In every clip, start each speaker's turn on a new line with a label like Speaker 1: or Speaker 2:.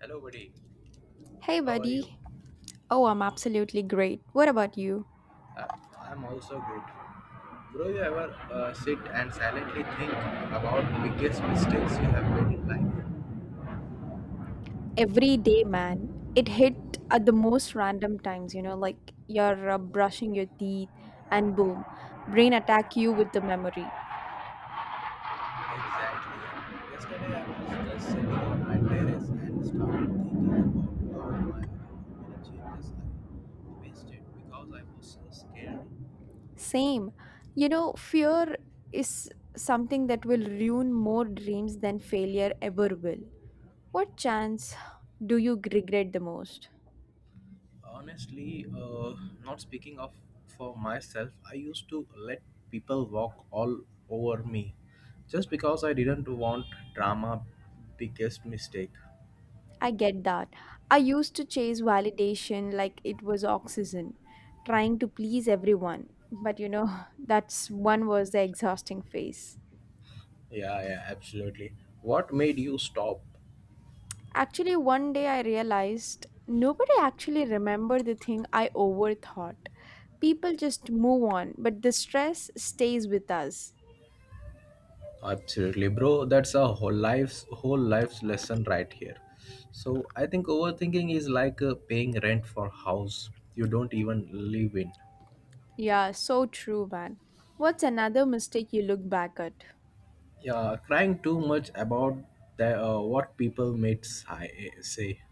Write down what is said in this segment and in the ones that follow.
Speaker 1: Hello, buddy.
Speaker 2: Hey,
Speaker 1: How are
Speaker 2: buddy.
Speaker 1: you?
Speaker 2: Oh, I'm absolutely great. What about you?
Speaker 1: I- I'm also good. Bro, you ever sit and silently think about biggest mistakes you have made in life?
Speaker 2: Every day, man. It hit at the most random times, you know, like you're brushing your teeth and boom, brain attack you with the memory.
Speaker 1: Exactly. Yesterday, I was just sitting on my terrace and started thinking about all my many changes I wasted because I was so scared.
Speaker 2: Same. You know, fear is something that will ruin more dreams than failure ever will. What chance do you regret the most?
Speaker 1: Honestly, not speaking of for myself, I used to let people walk all over me just because I didn't want drama. Biggest mistake.
Speaker 2: I get that. I used to chase validation like it was oxygen, trying to please everyone. But you know, that's one was the exhausting phase.
Speaker 1: Yeah, yeah, absolutely. What made you stop?
Speaker 2: Actually, one day I realized nobody actually remembered the thing I overthought. People just move on, but the stress stays with us.
Speaker 1: Absolutely, bro. That's a whole life's lesson right here. So I think overthinking is like paying rent for house you don't even live in.
Speaker 2: Yeah, so true, man. What's another mistake you look back at?
Speaker 1: Yeah, crying too much about what people say.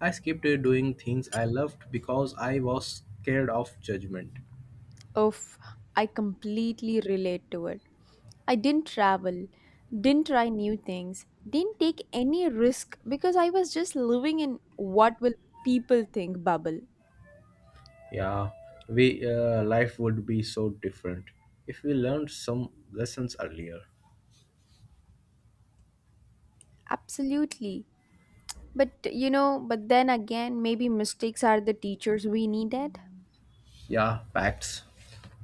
Speaker 1: I skipped doing things I loved because I was scared of judgment.
Speaker 2: Oof, I completely relate to it. I didn't travel, didn't try new things, didn't take any risk because I was just living in what will people think bubble.
Speaker 1: Yeah, we life would be so different if we learned some lessons earlier.
Speaker 2: Absolutely. But you know, but then again, maybe mistakes are the teachers we needed.
Speaker 1: Yeah, facts.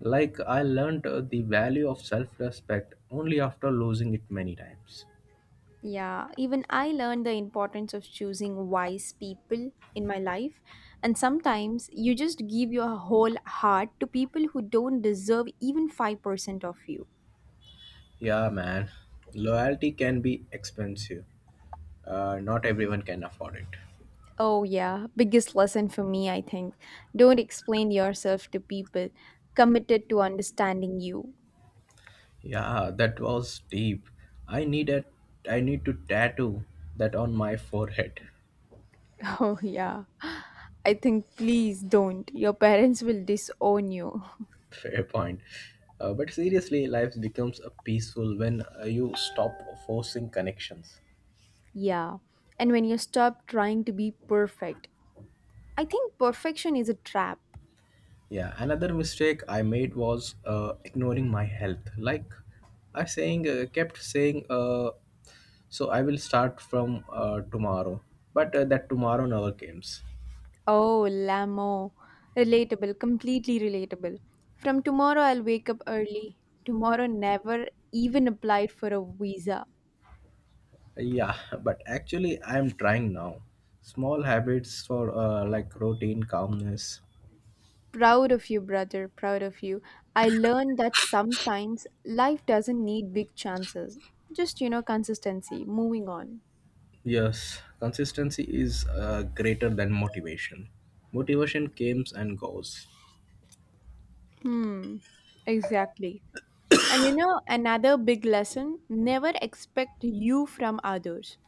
Speaker 1: Like I learned the value of self-respect only after losing it many times.
Speaker 2: Yeah, even I learned the importance of choosing wise people in my life. And sometimes you just give your whole heart to people who don't deserve even 5% of you.
Speaker 1: Yeah, man. Loyalty can be expensive. Not everyone can afford it.
Speaker 2: Oh, yeah. Biggest lesson for me, I think. Don't explain yourself to people committed to understanding you.
Speaker 1: Yeah, that was deep. I need a I need to tattoo that on my forehead.
Speaker 2: Oh, yeah. I think please don't. Your parents will disown you.
Speaker 1: Fair point. But seriously, life becomes a peaceful when you stop forcing connections.
Speaker 2: Yeah. And when you stop trying to be perfect, I think perfection is a trap.
Speaker 1: Yeah, another mistake I made was ignoring my health. Like kept saying, so I will start from tomorrow. But that tomorrow never comes.
Speaker 2: Oh, Lamo. Relatable, completely relatable. From tomorrow, I'll wake up early. Tomorrow never even applied for a visa.
Speaker 1: Yeah, but actually I am trying now. Small habits for like routine calmness.
Speaker 2: Proud of you, brother, proud of you. I learned that sometimes life doesn't need big chances. Just, you know, consistency, moving on.
Speaker 1: Yes, consistency is greater than motivation. Motivation comes and goes.
Speaker 2: Hmm, exactly. And you know, another big lesson never expect you from others.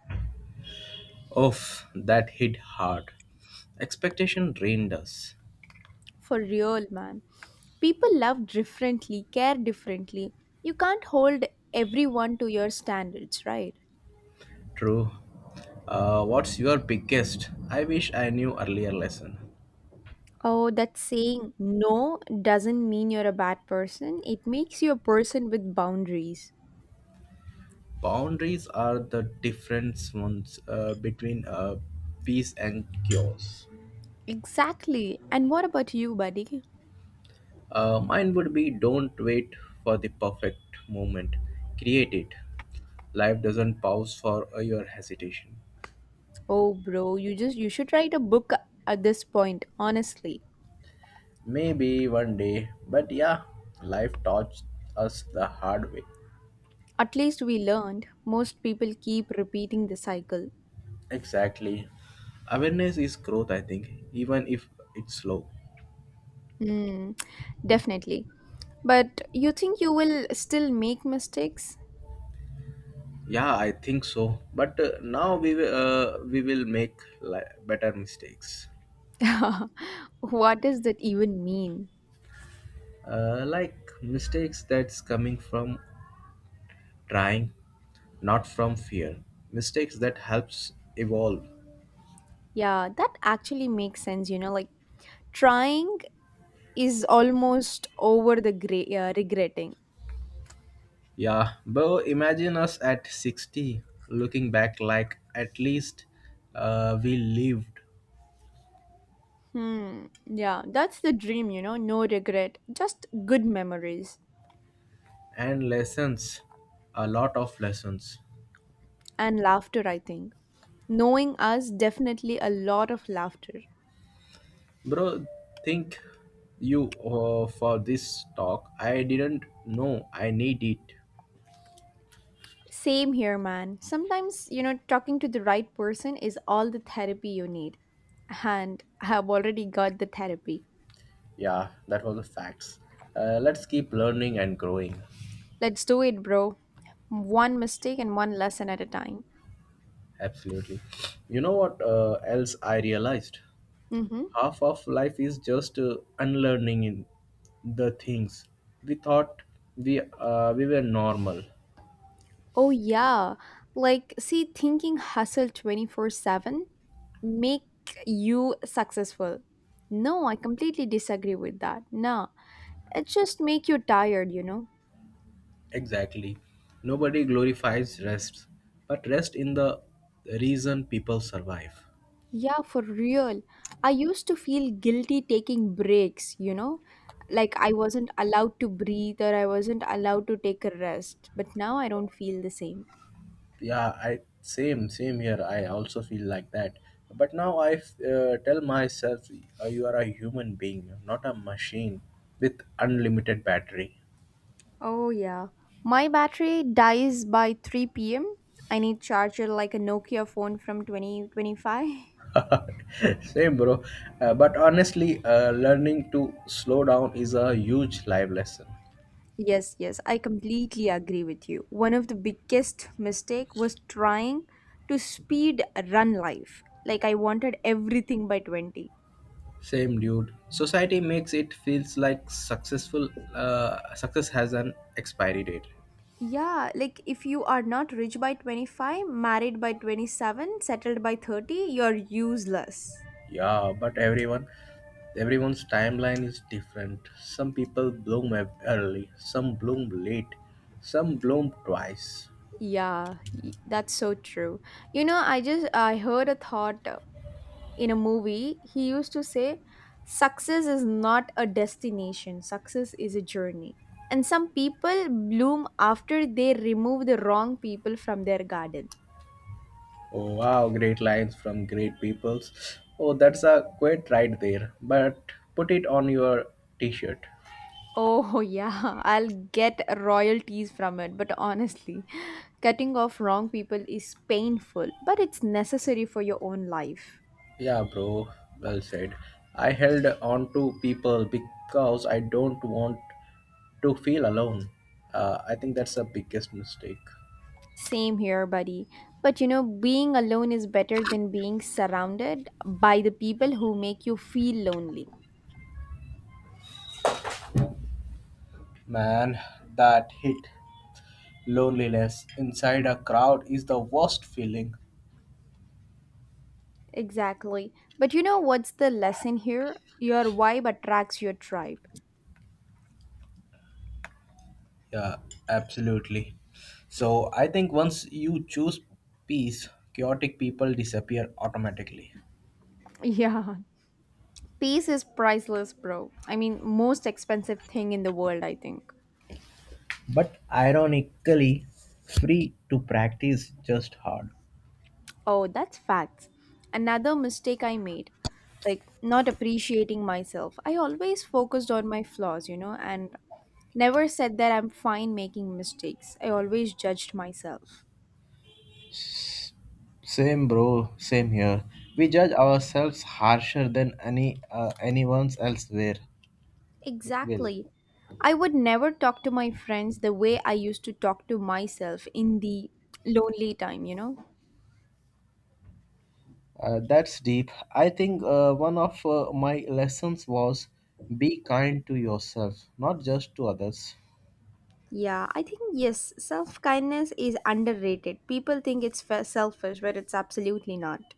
Speaker 1: Oof, that hit hard. Expectation drained us.
Speaker 2: For real, man. People love differently, care differently. You can't hold everyone to your standards, right?
Speaker 1: True. What's your biggest? I wish I knew earlier lesson.
Speaker 2: Oh, that saying no doesn't mean you're a bad person. It makes you a person with boundaries.
Speaker 1: Boundaries are the difference ones between peace and chaos.
Speaker 2: Exactly. And what about you, buddy?
Speaker 1: Mine would be don't wait for the perfect moment. Create it. Life doesn't pause for your hesitation.
Speaker 2: Oh, bro, you just you should write a book at this point, honestly.
Speaker 1: Maybe one day, but yeah, life taught us the hard way.
Speaker 2: At least we learned. Most people keep repeating the cycle.
Speaker 1: Exactly. Awareness is growth, I think, even if it's slow.
Speaker 2: Hmm, definitely. But you think you will still make mistakes?
Speaker 1: Yeah, I think so. But now we will make li- better mistakes.
Speaker 2: What does that even mean?
Speaker 1: Like mistakes that's coming from trying, not from fear. Mistakes that helps evolve.
Speaker 2: Yeah, that actually makes sense, you know, like trying is almost over the gray, regretting.
Speaker 1: Yeah, bro. Imagine us at 60 looking back like at least we lived
Speaker 2: Hmm. Yeah, that's the dream, you know, no regret, just good memories
Speaker 1: and lessons, a lot of lessons.
Speaker 2: and laughter, I think. Knowing us, definitely a lot of laughter.
Speaker 1: Bro, think you for this talk. I didn't know I need it.
Speaker 2: Same here, man. Sometimes, you know, talking to the right person is all the therapy you need. And I've already got the therapy.
Speaker 1: Yeah, that was the facts. Let's keep learning and growing.
Speaker 2: Let's do it, bro. One mistake and one lesson at a time.
Speaker 1: Absolutely. You know what else I realized?
Speaker 2: Mm-hmm.
Speaker 1: Half of life is just unlearning in the things we thought we were normal.
Speaker 2: Oh, yeah. Like, see, thinking hustle 24/7 make you successful. No, I completely disagree with that. No, it just make you tired, you know?
Speaker 1: Exactly, nobody glorifies rest, but rest in the reason people survive.
Speaker 2: Yeah, for real. I used to feel guilty taking breaks, you know? Like I wasn't allowed to breathe or I wasn't allowed to take a rest. But now I don't feel the same.
Speaker 1: Yeah, I same same here I also feel like that, but now I tell myself, you are a human being, not a machine with unlimited battery.
Speaker 2: Oh yeah. My battery dies by 3 p.m. I need charger like a Nokia phone from 2025.
Speaker 1: Same, bro. But honestly, learning to slow down is a huge life lesson.
Speaker 2: Yes, yes, I completely agree with you. One of the biggest mistake was trying to speed run life. Like I wanted everything by 20.
Speaker 1: Same, dude. Society makes it feels like successful. Success has an expiry date.
Speaker 2: Yeah, like if you are not rich by 25, married by 27, settled by 30, you're useless.
Speaker 1: Yeah, but everyone's timeline is different. Some people bloom early, some bloom late, some bloom twice.
Speaker 2: Yeah, that's so true. You know, I just I heard a thought in a movie, he used to say, success is not a destination, success is a journey. And some people bloom after they remove the wrong people from their garden.
Speaker 1: Oh, wow, great lines from great peoples. Oh, that's a quote right there. But put it on your t-shirt.
Speaker 2: Oh, yeah, I'll get royalties from it, but honestly, cutting off wrong people is painful, but it's necessary for your own life.
Speaker 1: Yeah, bro, well said. I held on to people because I don't want to feel alone. I think that's the biggest mistake.
Speaker 2: Same here, buddy. But you know, being alone is better than being surrounded by the people who make you feel lonely.
Speaker 1: Man, that hit loneliness inside a crowd is the worst feeling.
Speaker 2: Exactly. But you know what's the lesson here? Your vibe attracts your tribe.
Speaker 1: Yeah, absolutely. So I think once you choose peace, chaotic people disappear automatically.
Speaker 2: Yeah, peace is priceless, bro. I mean, most expensive thing in the world, I think.
Speaker 1: But ironically, free to practice just hard.
Speaker 2: Oh, that's facts. Another mistake I made, like not appreciating myself. I always focused on my flaws, you know, and never said that I'm fine making mistakes. I always judged myself.
Speaker 1: Same, bro. Same here. We judge ourselves harsher than anyone else where will.
Speaker 2: Exactly. I would never talk to my friends the way I used to talk to myself in the lonely time, you know?
Speaker 1: That's deep. I think one of my lessons was be kind to yourself, not just to others.
Speaker 2: Yeah, I think yes, self kindness is underrated. People think it's selfish, but it's absolutely not.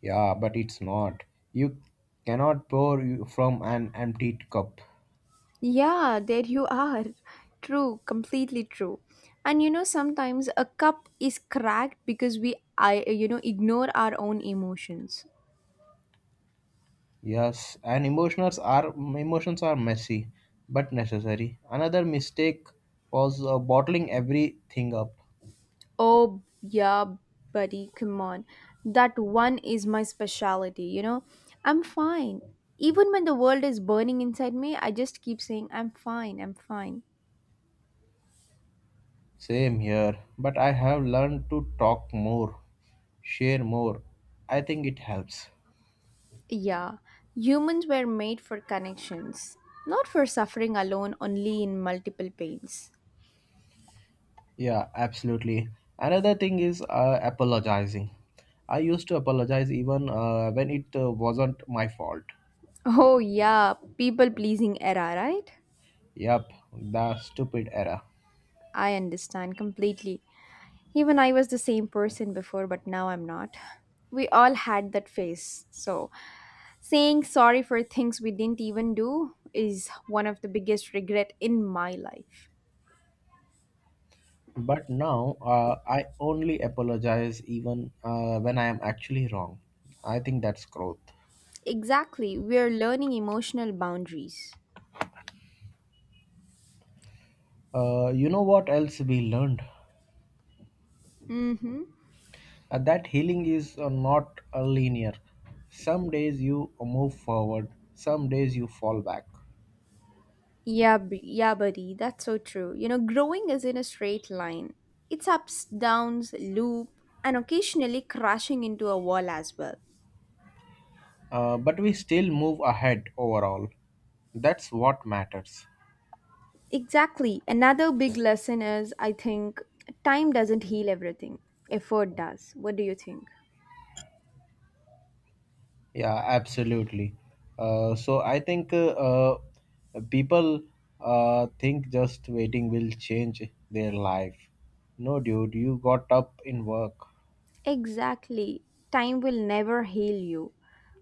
Speaker 1: Yeah, but it's not. You cannot from an empty cup.
Speaker 2: Yeah, there you are. True, completely true. And you know, sometimes a cup is cracked because we I you know ignore our own emotions.
Speaker 1: Yes, and emotions are messy, but necessary. Another mistake was bottling everything up.
Speaker 2: Oh, yeah, buddy, come on. That one is my specialty, you know? I'm fine. Even when the world is burning inside me, I just keep saying, I'm fine, I'm fine.
Speaker 1: Same here, but I have learned to talk more, share more. I think it helps.
Speaker 2: Yeah, humans were made for connections, not for suffering alone, only in multiple pains.
Speaker 1: Yeah, absolutely. Another thing is apologizing. I used to apologize even when it wasn't my fault.
Speaker 2: Oh, yeah, people pleasing era, right?
Speaker 1: Yep, the stupid error.
Speaker 2: I understand completely. Even I was the same person before, but now I'm not. We all had that phase, so saying sorry for things we didn't even do is one of the biggest regret in my life.
Speaker 1: But now I only apologize even when I am actually wrong. I think that's growth.
Speaker 2: Exactly, we are learning emotional boundaries.
Speaker 1: You know what else we learned?
Speaker 2: Mm-hmm.
Speaker 1: That healing is not linear. Some days you move forward, some days you fall back.
Speaker 2: Yeah, buddy. That's so true. You know, growing isn't a straight line. It's ups, downs, loop, and occasionally crashing into a wall as well.
Speaker 1: But we still move ahead overall. That's what matters.
Speaker 2: Exactly, another big lesson is, I think, time doesn't heal everything. Effort does. What do you think?
Speaker 1: Yeah, absolutely. So I think people think just waiting will change their life. No, dude, you got up in work.
Speaker 2: Exactly. Time will never heal you,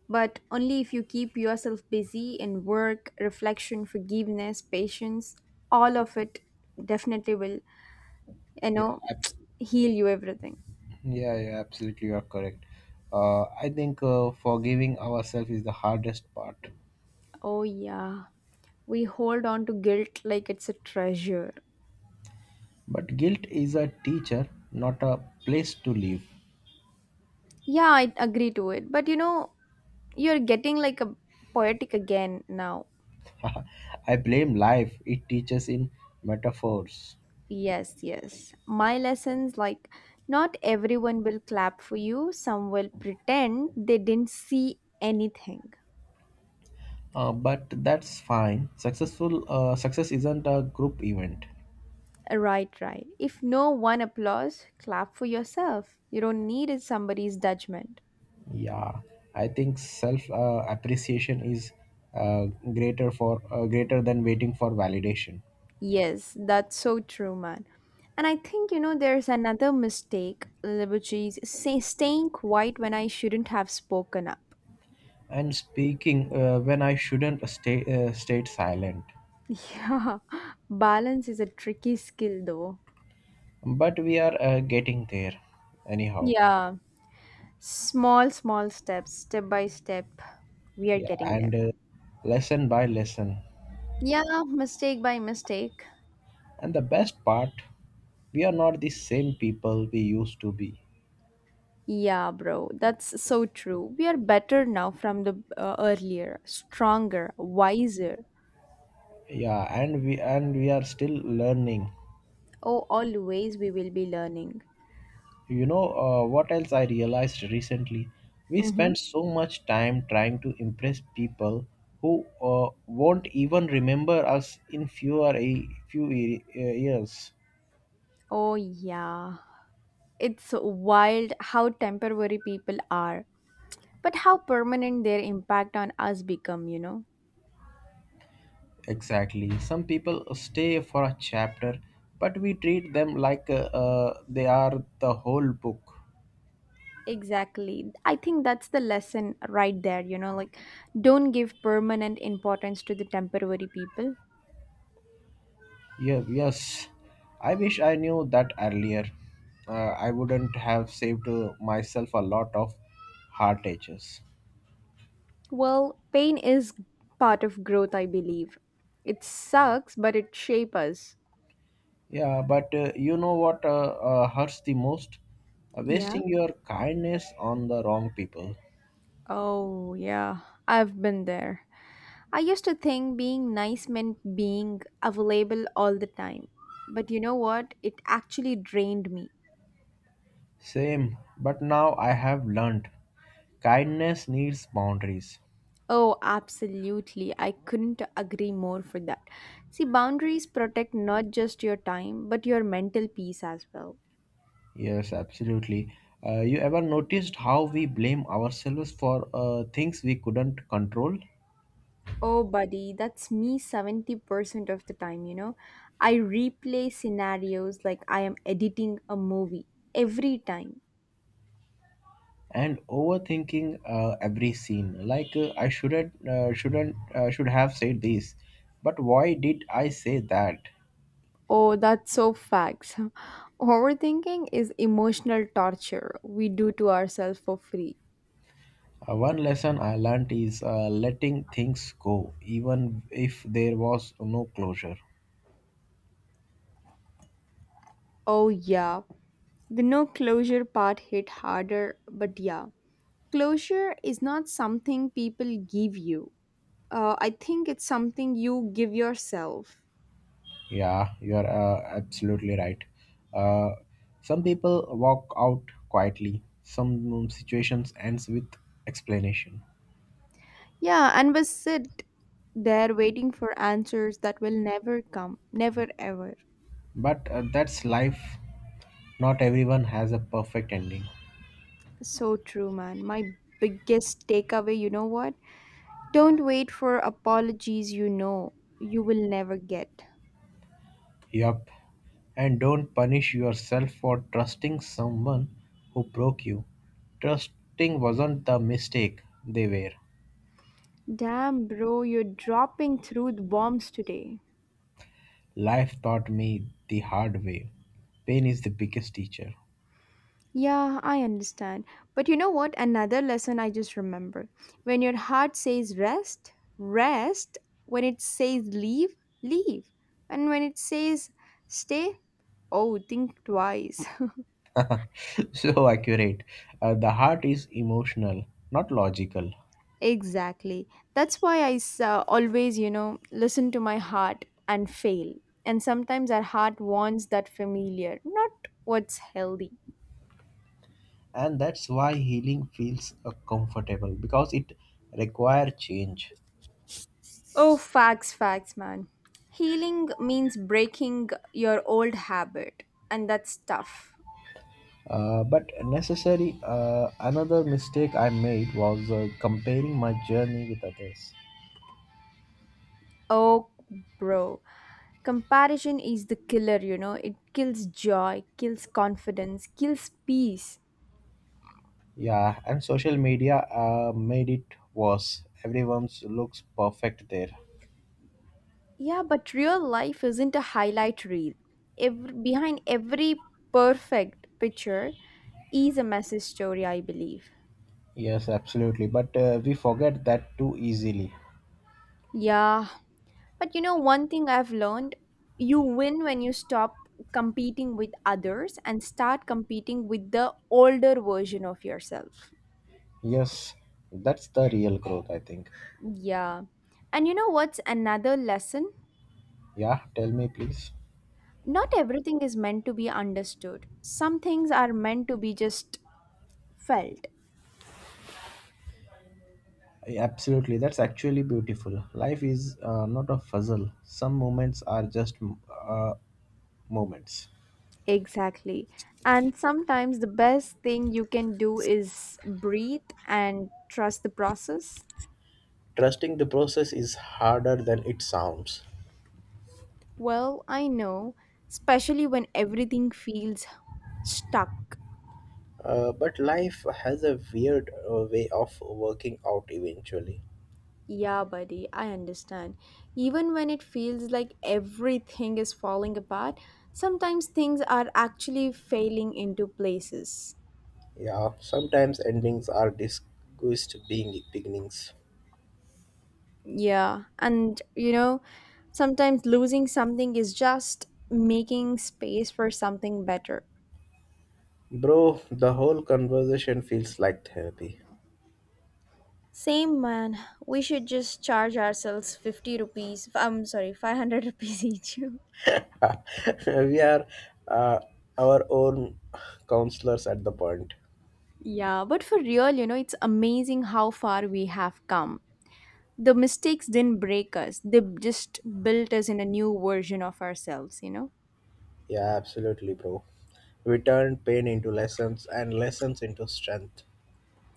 Speaker 2: but only if you keep yourself busy in work, reflection, forgiveness, patience, all of it definitely will, you
Speaker 1: Yeah,
Speaker 2: know,
Speaker 1: ab-
Speaker 2: heal you everything.
Speaker 1: yeah, absolutely, you are correct. I think forgiving ourselves is the hardest part.
Speaker 2: Oh, yeah. We hold on to guilt like it's a treasure.
Speaker 1: But guilt is a teacher, not a place to live.
Speaker 2: Yeah, I agree to it. But you know, you're getting like a poetic again now.
Speaker 1: I blame life, it teaches in metaphors.
Speaker 2: Yes, yes. My lessons like not everyone will clap for you, some will pretend they didn't see anything.
Speaker 1: But that's fine. Success isn't a group event.
Speaker 2: Right, right. If no one applauds, clap for yourself. You don't need somebody's judgment.
Speaker 1: Yeah, I think self appreciation is uh, greater than waiting for validation.
Speaker 2: Yes, that's so true, man. And I think, you know, there's another mistake, which is say, staying quiet when I shouldn't have spoken up.
Speaker 1: And speaking when I shouldn't stay stayed silent.
Speaker 2: Yeah, balance is a tricky skill, though.
Speaker 1: But we are getting there, anyhow.
Speaker 2: Yeah. Small, small steps, step by step, we are
Speaker 1: Yeah,
Speaker 2: getting there.
Speaker 1: and lesson by lesson.
Speaker 2: Yeah, mistake by mistake.
Speaker 1: And the best part, we are not the same people we used to be.
Speaker 2: Yeah, bro, that's so true. We are better now from the earlier, stronger, wiser.
Speaker 1: Yeah, and we are still learning.
Speaker 2: Oh, always we will be learning.
Speaker 1: You know what else I realized recently? We
Speaker 2: Mm-hmm.
Speaker 1: spend so much time trying to impress people who won't even remember us in fewer a few ye- years.
Speaker 2: Oh, yeah. It's wild how temporary people are, but how permanent their impact on us become, you know?
Speaker 1: Exactly. Some people stay for a chapter, but we treat them like they are the whole book.
Speaker 2: Exactly. I think that's the lesson right there, you know, like don't give permanent importance to the temporary people.
Speaker 1: Yeah, yes. I wish I knew that earlier. I wouldn't have saved myself a lot of heartaches.
Speaker 2: Well, pain is part of growth, I believe. It sucks, but it shapes us.
Speaker 1: Yeah, but you know what hurts the most?
Speaker 2: Yeah.
Speaker 1: Wasting your kindness on the wrong people.
Speaker 2: Oh, yeah. I've been there. I used to think being nice meant being available all the time. But you know what? It actually drained me.
Speaker 1: Same, but now I have learned kindness needs boundaries.
Speaker 2: Oh, absolutely. I couldn't agree more for that. See, boundaries protect not just your time, but your mental peace as well.
Speaker 1: Yes, absolutely. You ever noticed how we blame ourselves for things we couldn't control?
Speaker 2: Oh, buddy, that's me 70% of the time, you know. I replay scenarios like I am editing a movie every time.
Speaker 1: And overthinking every scene like I shouldn't should have said this, but why did I say that?
Speaker 2: Oh, that's so facts. Overthinking is emotional torture we do to ourselves for free.
Speaker 1: One lesson I learned is letting things go even if there was no closure.
Speaker 2: Oh, yeah. The no closure part hit harder, but yeah. Closure is not something people give you. I think it's something you give yourself.
Speaker 1: Yeah you're uh, absolutely right. uh, some people walk out quietly, some situations ends with explanation.
Speaker 2: Yeah, and we sit there waiting for answers that will never come, never ever.
Speaker 1: But that's life, not everyone has a perfect ending.
Speaker 2: So true, man. My biggest takeaway, you know what? Don't wait for apologies you know you will never get.
Speaker 1: Yup. And don't punish yourself for trusting someone who broke you. Trusting wasn't the mistake, they were.
Speaker 2: Damn, bro, you're dropping truth bombs today.
Speaker 1: Life taught me the hard way. Pain is the biggest teacher.
Speaker 2: Yeah, I understand. But you know what? Another lesson I just remember. When your heart says rest, rest. When it says leave, leave. And when it says stay, oh, think twice.
Speaker 1: So accurate. The heart is emotional, not logical.
Speaker 2: Exactly. That's why I always, you know, listen to my heart and fail. And sometimes our heart wants that familiar, not what's healthy.
Speaker 1: And that's why healing feels comfortable because it requires change.
Speaker 2: Oh, facts, facts, man. Healing means breaking your old habit, and that's tough.
Speaker 1: But necessary, another mistake I made was comparing my journey with others.
Speaker 2: Oh, bro. Comparison is the killer, you know. It kills joy, kills confidence, kills peace.
Speaker 1: Yeah, and social media made it worse. Everyone's looks perfect there.
Speaker 2: Yeah, but real life isn't a highlight reel. Behind every perfect picture is a messy story, I believe.
Speaker 1: Yes, absolutely. But we forget that too easily.
Speaker 2: Yeah, but you know, one thing I've learned you win when you stop competing with others and start competing with the older version of yourself.
Speaker 1: Yes, that's the real growth, I think.
Speaker 2: Yeah. And you know what's another lesson?
Speaker 1: Yeah, tell me, please.
Speaker 2: Not everything is meant to be understood, some things are meant to be just felt.
Speaker 1: Yeah, absolutely, that's actually beautiful. Life is not a puzzle. Some moments are just uh, moments.
Speaker 2: Exactly. And sometimes the best thing you can do is breathe and trust the process.
Speaker 1: Trusting the process is harder than it sounds.
Speaker 2: Well, I know, especially when everything feels stuck.
Speaker 1: But life has a weird way of working out eventually.
Speaker 2: Yeah, buddy, I understand. Even when it feels like everything is falling apart, sometimes things are actually failing into places.
Speaker 1: Yeah, sometimes endings are discussed being beginnings.
Speaker 2: Yeah, and you know, sometimes losing something is just making space for something better.
Speaker 1: Bro, the whole conversation feels like therapy.
Speaker 2: Same man, we should just charge ourselves 50 rupees. I'm sorry, 500 rupees each.
Speaker 1: We are uh, our own counselors at the point.
Speaker 2: Yeah, but for real, you know, it's amazing how far we have come. The mistakes didn't break us, they just built us in a new version of ourselves, you know?
Speaker 1: Yeah, absolutely, bro. We turn pain into lessons and lessons into strength.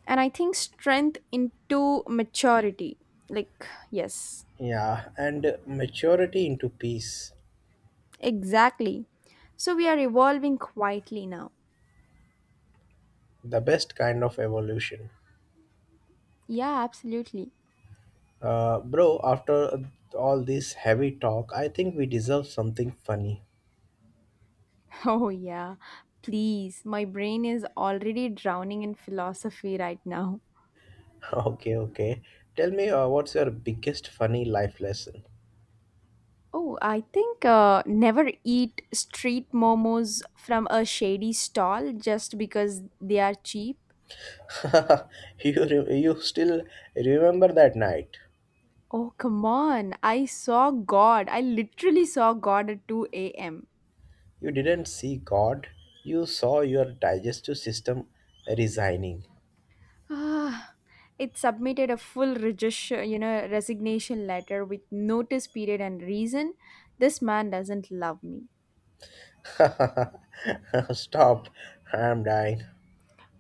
Speaker 2: And I think strength into maturity. Like, yes,
Speaker 1: Yeah, and maturity into peace.
Speaker 2: exactly. So we are evolving quietly now.
Speaker 1: The best kind of evolution.
Speaker 2: Yeah, absolutely.
Speaker 1: Bro, after all this heavy talk, I think we deserve something funny.
Speaker 2: Oh, yeah. Please, my brain is already drowning in philosophy right now.
Speaker 1: Okay, okay. Tell me, what's your biggest funny life lesson?
Speaker 2: Oh, I think never eat street momos from a shady stall just because they are cheap.
Speaker 1: You still remember that night?
Speaker 2: Oh, come on. I saw God. I literally saw God at 2 a.m.
Speaker 1: You didn't see God. You saw your digestive system resigning.
Speaker 2: Ah, it submitted a full resignation letter with notice period and reason. This man doesn't love me.
Speaker 1: Stop! I'm dying.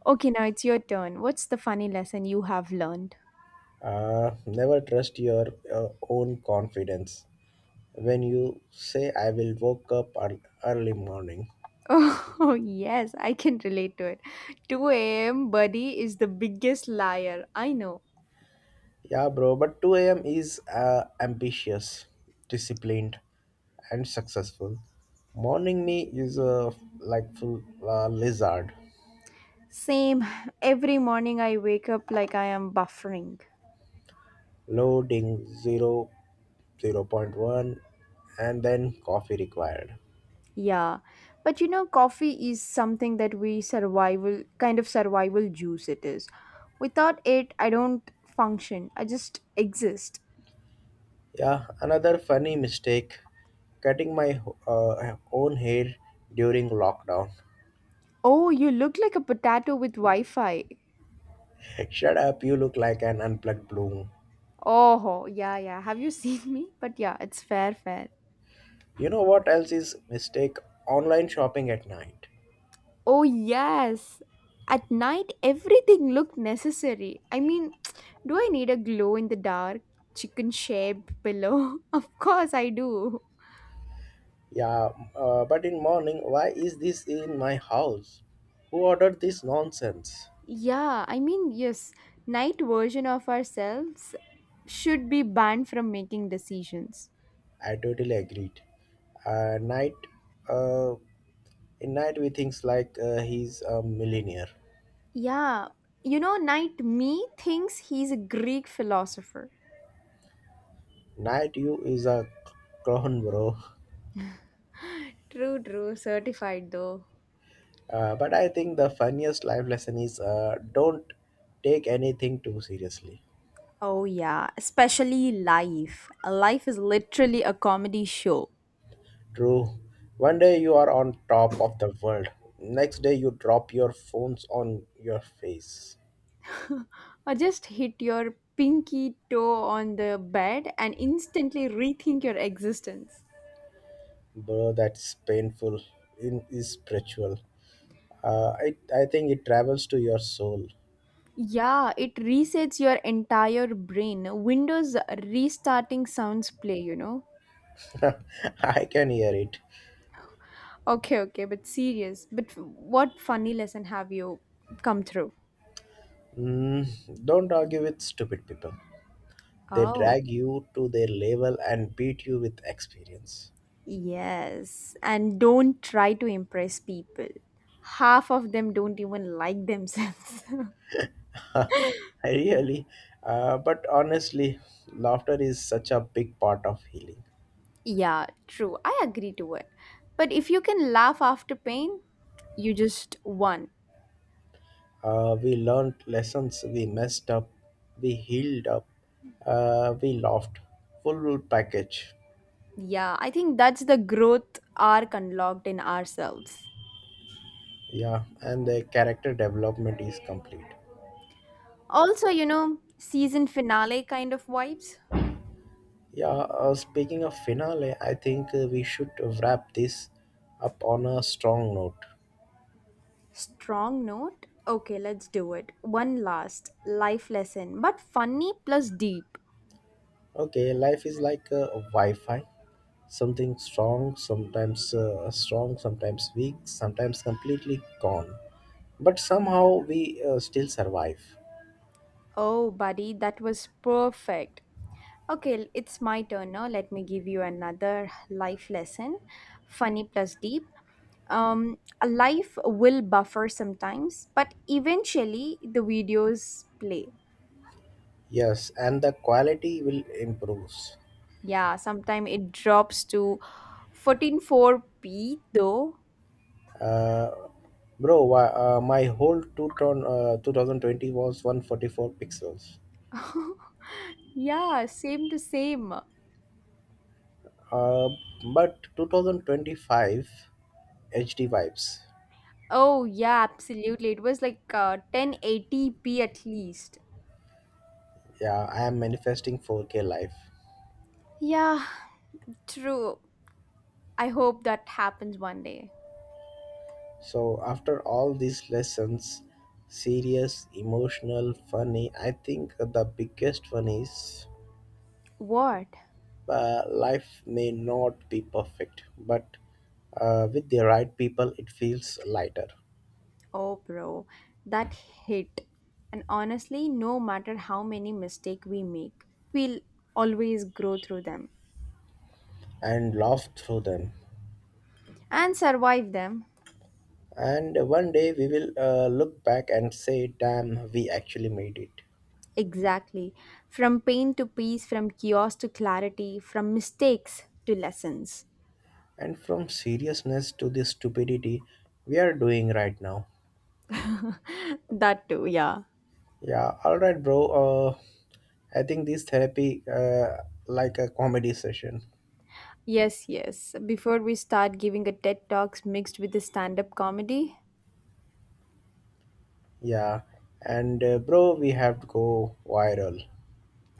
Speaker 2: Okay, now it's your turn. What's the funny lesson you have learned?
Speaker 1: Never trust your own confidence when you say I will early morning.
Speaker 2: Oh, yes, I can relate to it. 2 a.m. buddy is the biggest liar. I know.
Speaker 1: Yeah, bro, but 2 a.m. is ambitious, disciplined, and successful. Morning me is a like full lizard,
Speaker 2: Same. Every morning I wake up like I am buffering.
Speaker 1: loading zero, 0.1, and then coffee required.
Speaker 2: Yeah. But you know, coffee is something that we survival, kind of survival juice it is. Without it, I don't function. I just exist.
Speaker 1: Yeah, another funny mistake, cutting my own hair during lockdown.
Speaker 2: Oh, you look like a potato with Wi Fi.
Speaker 1: Shut up, you look like an unplugged bloom.
Speaker 2: Oh, yeah, yeah. Have you seen me? But yeah, it's fair, fair.
Speaker 1: You know what else is mistake? Online shopping at night.
Speaker 2: Oh, yes. At night, everything looked necessary. I mean, do I need a glow in the dark chicken shaped pillow? Of course, I do.
Speaker 1: Yeah, but in morning, why is this in my house? Who ordered this nonsense?
Speaker 2: Yeah, I mean, yes, night version of ourselves should be banned from making decisions.
Speaker 1: I totally agreed. Uh, night, uh, in night we thinks like he's a millionaire.
Speaker 2: Yeah, night me thinks he's a Greek philosopher.
Speaker 1: Night you is a clown, bro.
Speaker 2: True, true, certified though.
Speaker 1: But I think the funniest life lesson is don't take anything too seriously.
Speaker 2: Oh, yeah, especially life. Life is literally a comedy show.
Speaker 1: True. One day you are on top of the world. Next day you drop your phones on your face.
Speaker 2: Or just hit your pinky toe on the bed and instantly rethink your existence.
Speaker 1: Bro, that's painful. In is spiritual. Uh, I I think it travels to your soul.
Speaker 2: Yeah, it resets your entire brain. Windows restarting sounds play.
Speaker 1: I can hear it.
Speaker 2: Okay, okay, but serious. But what funny lesson have you come through?
Speaker 1: Mm, don't argue with stupid people. They
Speaker 2: Oh,
Speaker 1: drag you to their level and beat you with experience.
Speaker 2: yes. And don't try to impress people. Half of them don't even like themselves.
Speaker 1: Really, but honestly, laughter is such a big part of healing.
Speaker 2: Yeah, true. I agree to it. But if you can laugh after pain, you just won.
Speaker 1: We learned lessons, we messed up, we healed up, we laughed. Full route package.
Speaker 2: Yeah, I think that's the growth arc unlocked in ourselves.
Speaker 1: Yeah, and the character development is complete.
Speaker 2: Also, season finale kind of vibes.
Speaker 1: Yeah, speaking of finale, I think we should wrap this up on a strong note.
Speaker 2: Strong note. Okay, let's do it. One last life lesson, but funny plus deep.
Speaker 1: Okay, life is like Wi Fi, sometimes strong, sometimes weak, sometimes completely gone. But somehow we still survive.
Speaker 2: Oh, buddy, that was perfect. Okay, it's my turn now. Let me give you another life lesson. Funny plus deep. A life will buffer sometimes, but eventually the videos play.
Speaker 1: Yes, and the quality will improve.
Speaker 2: Yeah, sometime it drops to 14.4p though.
Speaker 1: Uh, bro, my whole 2020 was 144 pixels.
Speaker 2: Yeah, same to same.
Speaker 1: Uh, but 2025 HD vibes.
Speaker 2: Oh, yeah, absolutely. It was like 1080p at least.
Speaker 1: Yeah, I am manifesting 4K life.
Speaker 2: Yeah, true. I hope that happens one day.
Speaker 1: So after all these lessons, serious, emotional, funny, I think the biggest one is
Speaker 2: What?
Speaker 1: life may not be perfect, but with the right people, it feels lighter
Speaker 2: Oh, bro, that hit. And honestly, no matter how many mistakes we make, we'll always grow through them
Speaker 1: and laugh through them.
Speaker 2: and survive them.
Speaker 1: And one day we will look back and say, damn, we actually made it.
Speaker 2: Exactly. From pain to peace, from chaos to clarity, from mistakes to lessons.
Speaker 1: And from seriousness to the stupidity we are doing right now.
Speaker 2: That too, yeah.
Speaker 1: Yeah, alright, bro. I think this therapy like a comedy session.
Speaker 2: Yes, yes. Before we start giving a TED Talks mixed with the stand up comedy.
Speaker 1: Yeah, and bro, we have to go viral.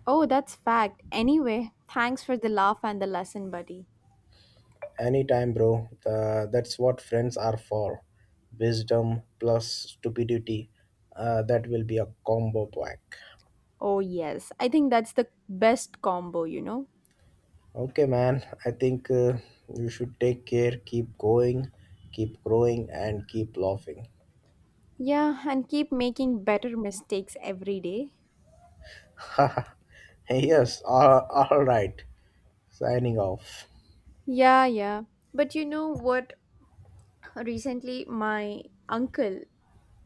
Speaker 2: Oh, that's fact. Anyway, thanks for the laugh and the lesson, buddy.
Speaker 1: Anytime, bro. That's what friends are for. Wisdom plus stupidity. That will be a combo pack.
Speaker 2: Oh, yes. I think that's the best combo, you know?
Speaker 1: Okay, man. I think you should take care, keep going, keep growing, and keep laughing.
Speaker 2: Yeah, and keep making better mistakes every day.
Speaker 1: Yes, all right. Signing off.
Speaker 2: Yeah, yeah. But you know what? Recently, my uncle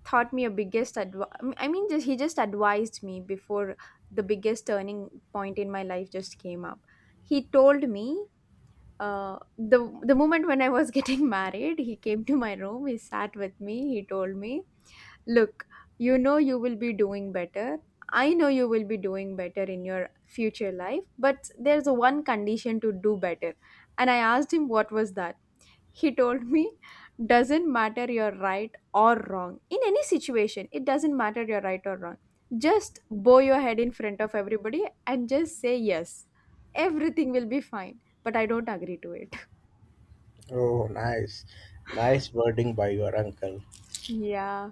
Speaker 2: taught me a biggest I mean, just, he just advised me before the biggest turning point in my life just came up. He told me the moment when I was getting married. He came to my room. He sat with me. He told me, Look, you know you will be doing better. I know you will be doing better in your future life, but there's one condition to do better. And I asked him what was that. He told me, doesn't matter you're right or wrong. In any situation, it doesn't matter you're right or wrong. Just bow your head in front of everybody and just say yes. Everything will be fine. But I don't agree to it.
Speaker 1: Oh, nice. Nice wording by your uncle.
Speaker 2: Yeah.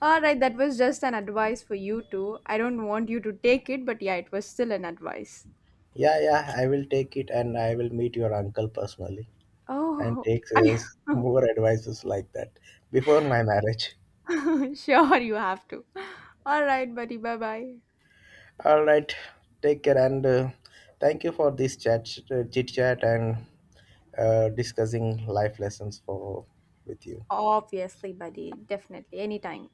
Speaker 2: All right, that was just an advice for you too. I don't want you to take it, but yeah, it was still an advice.
Speaker 1: Yeah, yeah, I will take it and I will meet your uncle personally. And
Speaker 2: Oh,
Speaker 1: takes
Speaker 2: I,
Speaker 1: us more advices like that before my marriage.
Speaker 2: sure, you have to. All right, buddy. Bye bye.
Speaker 1: All right, take care and thank you for this chit chat, and discussing life lessons for with you.
Speaker 2: Obviously, buddy. Definitely. Anytime.